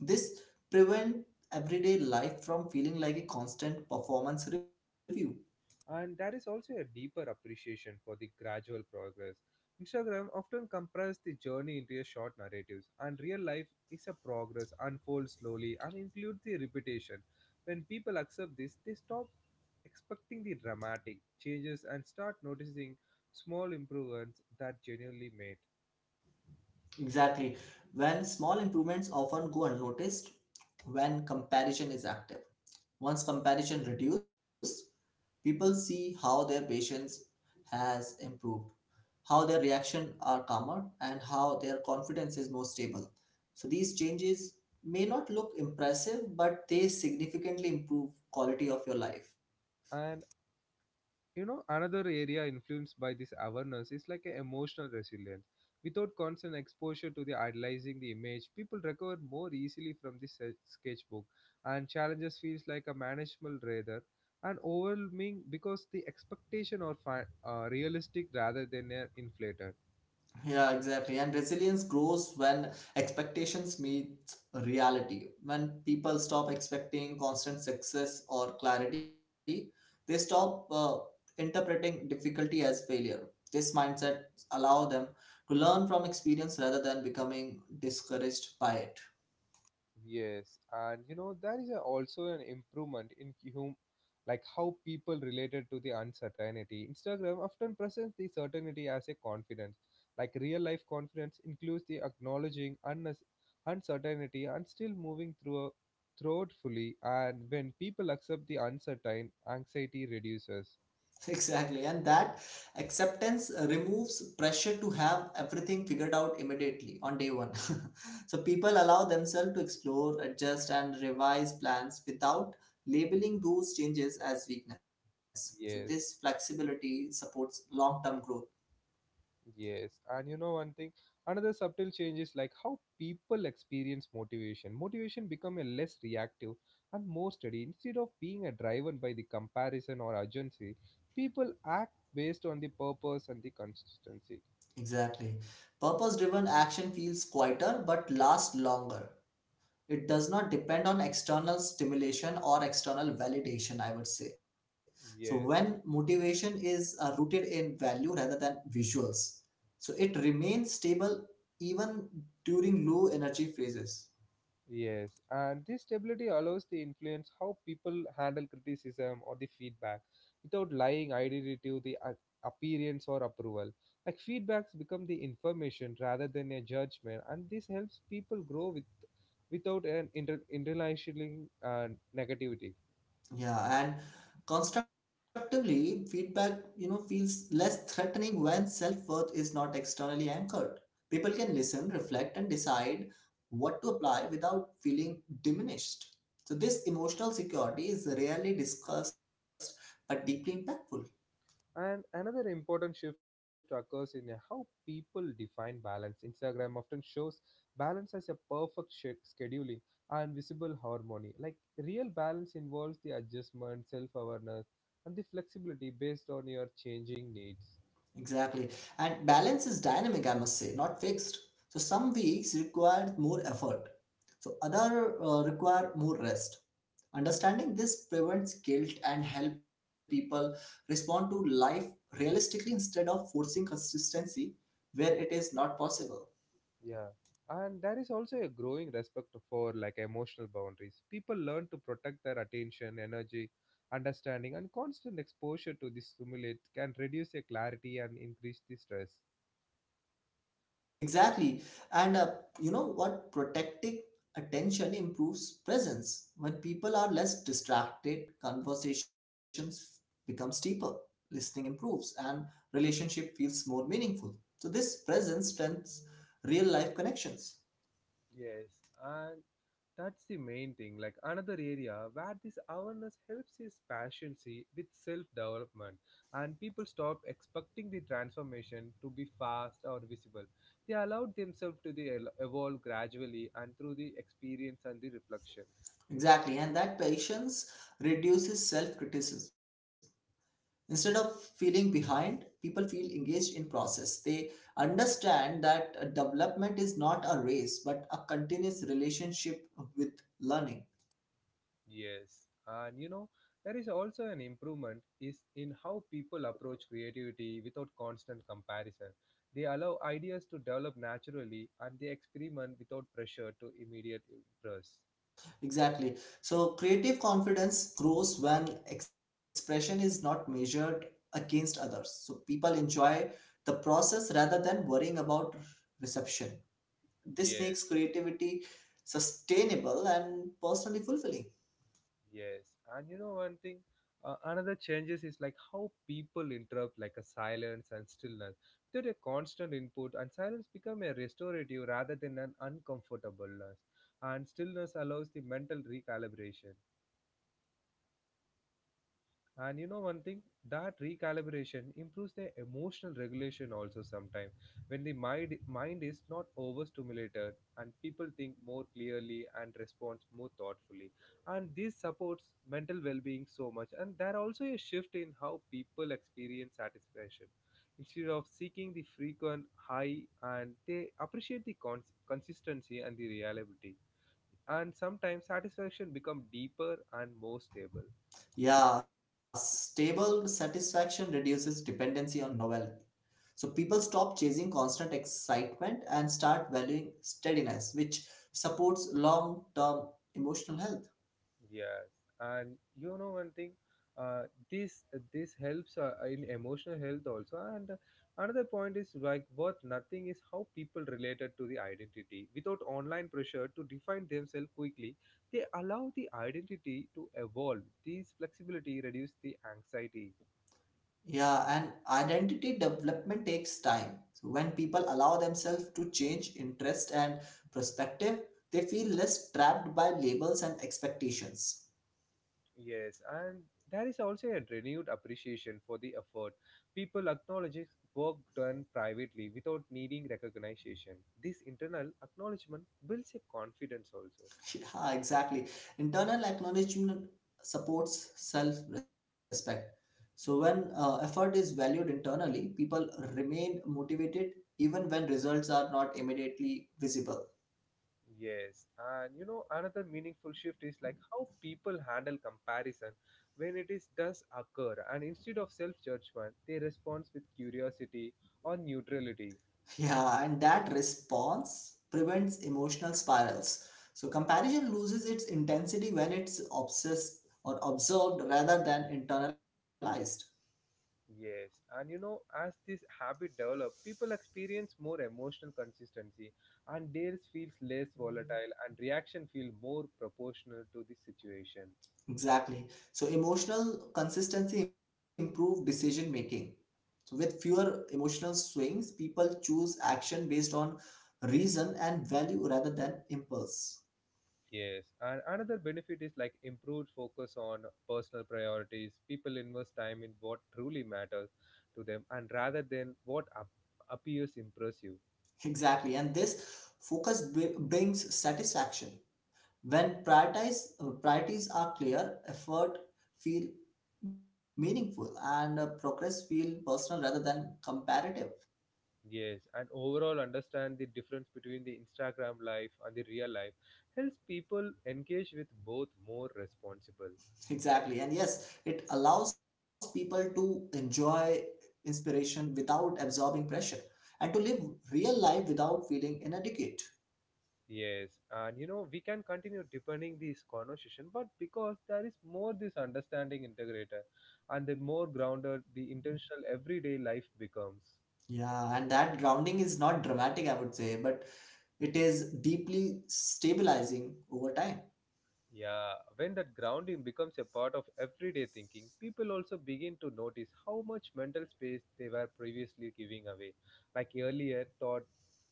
Speaker 2: This prevents everyday life from feeling like a constant performance review.
Speaker 1: And there is also a deeper appreciation for the gradual progress. Instagram often compresses the journey into a short narratives, and real life is a progress unfolds slowly and includes the repetition. When people accept this, they stop expecting the dramatic changes and start noticing small improvements that genuinely made.
Speaker 2: Exactly. When small improvements often go unnoticed when comparison is active. Once comparison reduced, people see how their patience has improved, how their reaction are calmer, and how their confidence is more stable. So these changes may not look impressive, but they significantly improve quality of your life.
Speaker 1: And you know another area influenced by this awareness is like a emotional resilience without constant exposure to the idolizing the image. People recover more easily from this sketchbook, and challenges feels like a manageable rather and overwhelming because the expectation are realistic rather than inflated.
Speaker 2: Yeah, exactly. And resilience grows when expectations meet reality. When people stop expecting constant success or clarity, they stop interpreting difficulty as failure. This mindset allow them to learn from experience rather than becoming discouraged by it.
Speaker 1: Yes, and you know there is a, also an improvement in hum, like how people related to the uncertainty. Instagram often presents the certainty as a confidence. Like real life confidence includes the acknowledging uncertainty and still moving throughout fully. And when people accept the uncertain, anxiety reduces.
Speaker 2: Exactly, and that acceptance removes pressure to have everything figured out immediately on day one. So people allow themselves to explore, adjust, and revise plans without labeling those changes as weakness. So this
Speaker 1: Yes.
Speaker 2: flexibility supports long-term growth.
Speaker 1: Yes, and you know one thing, another subtle change is like how people experience motivation. Motivation become a less reactive and more steady. Instead of being a driven by the comparison or urgency, people act based on the purpose and the consistency.
Speaker 2: Exactly. Purpose-driven action feels quieter but lasts longer. It does not depend on external stimulation or external validation, I would say. So when
Speaker 1: Yes.
Speaker 2: motivation is rooted in value rather than visuals, so it remains stable even during low energy phases.
Speaker 1: Yes, and this stability allows the influence how people handle criticism or the feedback without lying identity to the appearance or approval. Like feedbacks become the information rather than a judgment, and this helps people grow with without an internalizing negativity.
Speaker 2: Yeah, and constructively, feedback, you know, feels less threatening when self-worth is not externally anchored. People can listen, reflect, and decide what to apply without feeling diminished. So this emotional security is rarely discussed but deeply impactful.
Speaker 1: And another important shift occurs in how people define balance. Instagram often shows balance as a perfect scheduling and visible harmony. Like real balance involves the adjustment, self awareness, and the flexibility based on your changing needs.
Speaker 2: Exactly. And balance is dynamic, I must say, not fixed. So some weeks require more effort. So other require more rest. Understanding this prevents guilt and help people respond to life realistically instead of forcing consistency where it is not possible.
Speaker 1: Yeah. And there is also a growing respect for like emotional boundaries. People learn to protect their attention, energy, understanding, and constant exposure to this stimulate can reduce their clarity and increase the stress.
Speaker 2: Exactly. And you know what? Protecting attention improves presence. When people are less distracted, conversations become deeper, listening improves, and relationship feels more meaningful. So this presence strengthens real life connections.
Speaker 1: Yes, and that's the main thing. Like another area where this awareness helps is patience with self development, and people stop expecting the transformation to be fast or visible. They allow themselves to the evolve gradually and through the experience and the reflection.
Speaker 2: Exactly. And that patience reduces self criticism instead of feeling behind people feel engaged in process they understand that development is not a race but a continuous relationship with learning.
Speaker 1: Yes, and you know, there is also an improvement is in how people approach creativity without constant comparison. They allow ideas to develop naturally and they experiment without pressure to immediate impress.
Speaker 2: Exactly. So creative confidence grows when expression is not measured against others, so people enjoy the process rather than worrying about reception. This
Speaker 1: Yes,
Speaker 2: makes creativity sustainable and personally fulfilling.
Speaker 1: yes. And you know one thing, another changes is like how people interrupt like a silence and stillness. Without a constant input and silence become a restorative rather than an uncomfortableness. And stillness allows the mental recalibration. And you know one thing, that recalibration improves their emotional regulation also sometimes. When the mind is not overstimulated and people think more clearly and responds more thoughtfully. And this supports mental well-being so much. And there also a shift in how people experience satisfaction. Instead of seeking the frequent high and they appreciate the consistency and the reliability. And sometimes satisfaction become deeper and more stable.
Speaker 2: Yeah, stable satisfaction reduces dependency on novelty. So people stop chasing constant excitement and start valuing steadiness, which supports long term emotional health.
Speaker 1: Yes, and you know one thing, uh, this this helps in emotional health also. And another point is like worth nothing is how people related to the identity. Without online pressure to define themselves quickly, they allow the identity to evolve. This flexibility reduces the anxiety.
Speaker 2: Yeah, and identity development takes time. So when people allow themselves to change interest and perspective, they feel less trapped by labels and expectations.
Speaker 1: Yes, and there is also a renewed appreciation for the effort. People acknowledge work done privately without needing recognition. This internal acknowledgement builds a confidence also.
Speaker 2: Yeah, exactly. Internal acknowledgement supports self respect. So, when effort is valued internally, people remain motivated even when results are not immediately visible.
Speaker 1: Yes, and you know, another meaningful shift is like how people handle comparison when it is does occur, and instead of self judgment, they respond with curiosity or neutrality.
Speaker 2: Yeah, and that response prevents emotional spirals. So, comparison loses its intensity when it's obsessed or observed rather than internalized.
Speaker 1: Yes, and you know, as this habit develops, people experience more emotional consistency, and theirs feels less volatile, and reaction feel more proportional to the situation.
Speaker 2: Exactly. So, emotional consistency improves decision making. So, with fewer emotional swings, people choose action based on reason and value rather than impulse.
Speaker 1: Yes, and another benefit is like improved focus on personal priorities. People invest time in what truly matters to them, and rather than what appears impressive.
Speaker 2: Exactly, and this brings satisfaction. When priorities are clear, effort feel meaningful, and progress feel personal rather than comparative.
Speaker 1: Yes, and overall understand the difference between the Instagram life and the real life helps people engage with both more responsible.
Speaker 2: Exactly, and yes, it allows people to enjoy inspiration without absorbing pressure and to live real life without feeling inadequate.
Speaker 1: Yes, and you know we can continue deepening this conversation, but because there is more this understanding integrator, and the more grounded the intentional everyday life becomes.
Speaker 2: Yeah, and that grounding is not dramatic, I would say, but it is deeply stabilizing over time.
Speaker 1: Yeah, when that grounding becomes a part of everyday thinking, people also begin to notice how much mental space they were previously giving away. Like earlier, thought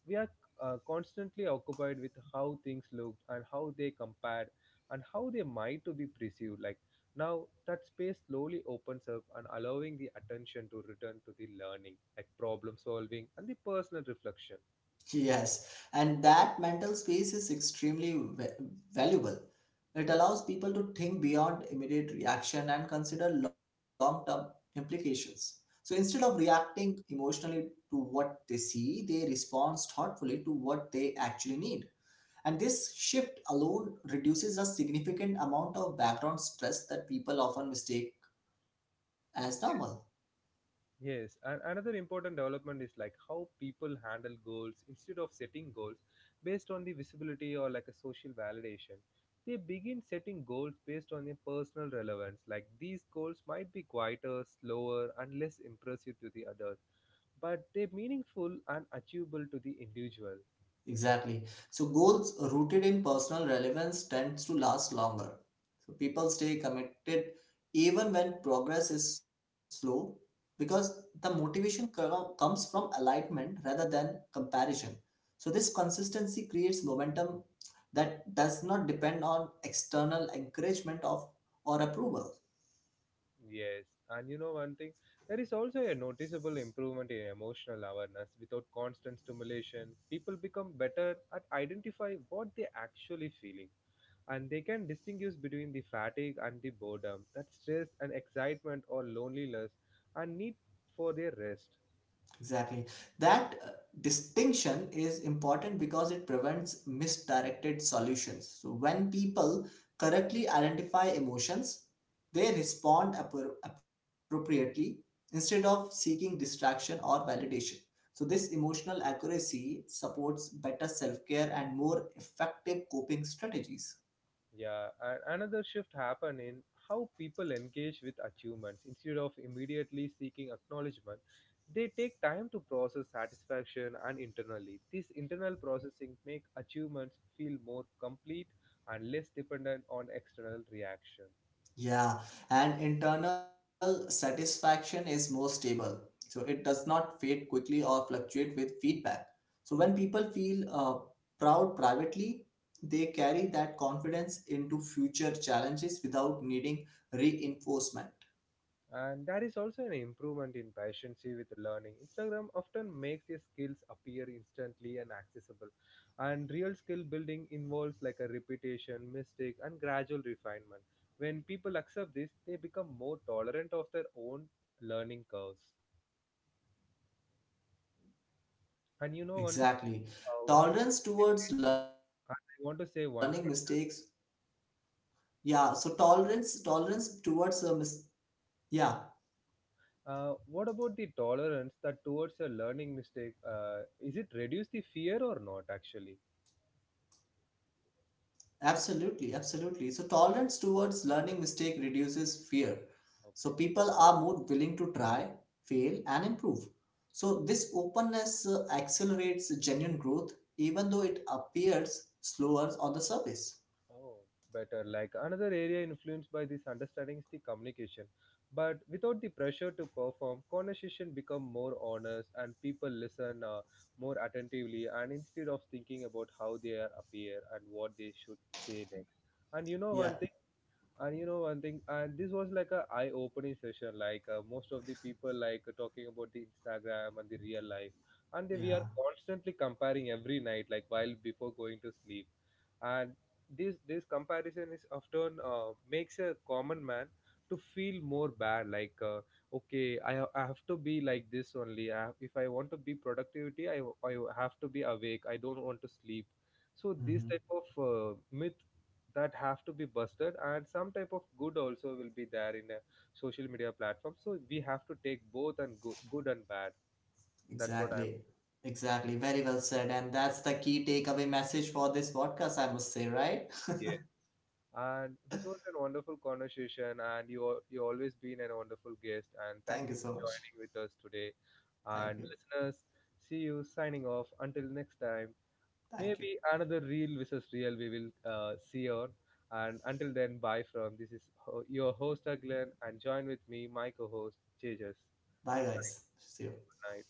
Speaker 1: we are constantly occupied with how things looked and how they compared and how they might to be perceived like now that space slowly opens up and allowing the attention to return to the learning like problem solving and the personal reflection.
Speaker 2: Yes, and that mental space is extremely valuable. It allows people to think beyond immediate reaction and consider long term implications. So instead of reacting emotionally to what they see, they respond thoughtfully to what they actually need. And this shift alone reduces a significant amount of background stress that people often mistake as normal.
Speaker 1: Yes, and another important development is like how people handle goals instead of setting goals based on the visibility or like a social validation. They begin setting goals based on their personal relevance. Like these goals might be quieter, slower, and less impressive to the others, but they're meaningful and achievable to the individual.
Speaker 2: Exactly. So goals rooted in personal relevance tends to last longer. So people stay committed even when progress is slow because the comes from alignment rather than comparison. So this consistency creates momentum that does not depend on external encouragement of or approval.
Speaker 1: Yes, and you know one thing, there is also a noticeable improvement in emotional awareness without constant stimulation. People become better at identify what they actually feeling, and they can distinguish between the fatigue and the boredom, that stress and excitement or loneliness, and need for their rest.
Speaker 2: Exactly. That distinction is important because it prevents misdirected solutions. So when people correctly identify emotions, they respond appropriately instead of seeking distraction or validation. So this emotional accuracy supports better self-care and more effective coping strategies.
Speaker 1: Yeah, and another shift happened in how people engage with achievements instead of immediately seeking acknowledgement. They take time to process satisfaction and internally. This internal processing make achievements feel more complete and less dependent on external reaction.
Speaker 2: Yeah, and internal satisfaction is more stable. So it does not fade quickly or fluctuate with feedback. So when people feel proud privately, they carry that confidence into future challenges without needing reinforcement.
Speaker 1: And that is also an improvement in patience with learning. Instagram often makes your skills appear instantly and accessible, and real skill building involves like a repetition mistake and gradual refinement. When people accept this they become more tolerant of their own learning curves. And you know one thing,
Speaker 2: Exactly.
Speaker 1: one
Speaker 2: Tolerance towards learning mistakes.
Speaker 1: I want to say one thing.
Speaker 2: Yeah, so tolerance towards a mis- yeah,
Speaker 1: What about the tolerance that towards a learning mistake, is it reduce the fear or not actually?
Speaker 2: absolutely, absolutely. So tolerance towards learning mistake reduces fear. So
Speaker 1: Okay.
Speaker 2: people are more willing to try, fail, and improve. So this openness accelerates genuine growth, even though it appears slower on the surface.
Speaker 1: Oh, better. Like another area influenced by this understanding is the communication. But without the pressure to perform, conversation become more honest and people listen more attentively and instead of thinking about how they are appear and what they should say next. And you know one
Speaker 2: Yeah,
Speaker 1: thing and you know one thing, and this was like a eye-opening session, like most of the people like talking about the Instagram and the real life, and they, we are
Speaker 2: yeah.
Speaker 1: constantly comparing every night like while before going to sleep, and this comparison is often makes a common man to feel more bad, like okay, I, I have to be like this only. I, if I want to be productivity, I have to be awake, I don't want to sleep. So this
Speaker 2: Hmm.
Speaker 1: type of myth that have to be busted, and some type of good also will be there in a social media platform, so we have to take both and good and bad. That's what I'm.
Speaker 2: Exactly. Exactly. Very well said. And that's the key takeaway message for this podcast, I must say, right?
Speaker 1: Yeah, and this was a wonderful conversation and you you always been a wonderful guest, and thank
Speaker 2: Thank
Speaker 1: you
Speaker 2: you
Speaker 1: for
Speaker 2: so much.
Speaker 1: joining with us today.
Speaker 2: Thank
Speaker 1: And
Speaker 2: you.
Speaker 1: listeners, see you, signing off until next time.
Speaker 2: Thank you.
Speaker 1: Maybe another real versus real we will see on, and until then, bye. From this is your host Aglen, and join with me my co-host Jjas.
Speaker 2: Bye, guys. See you.
Speaker 1: Good night.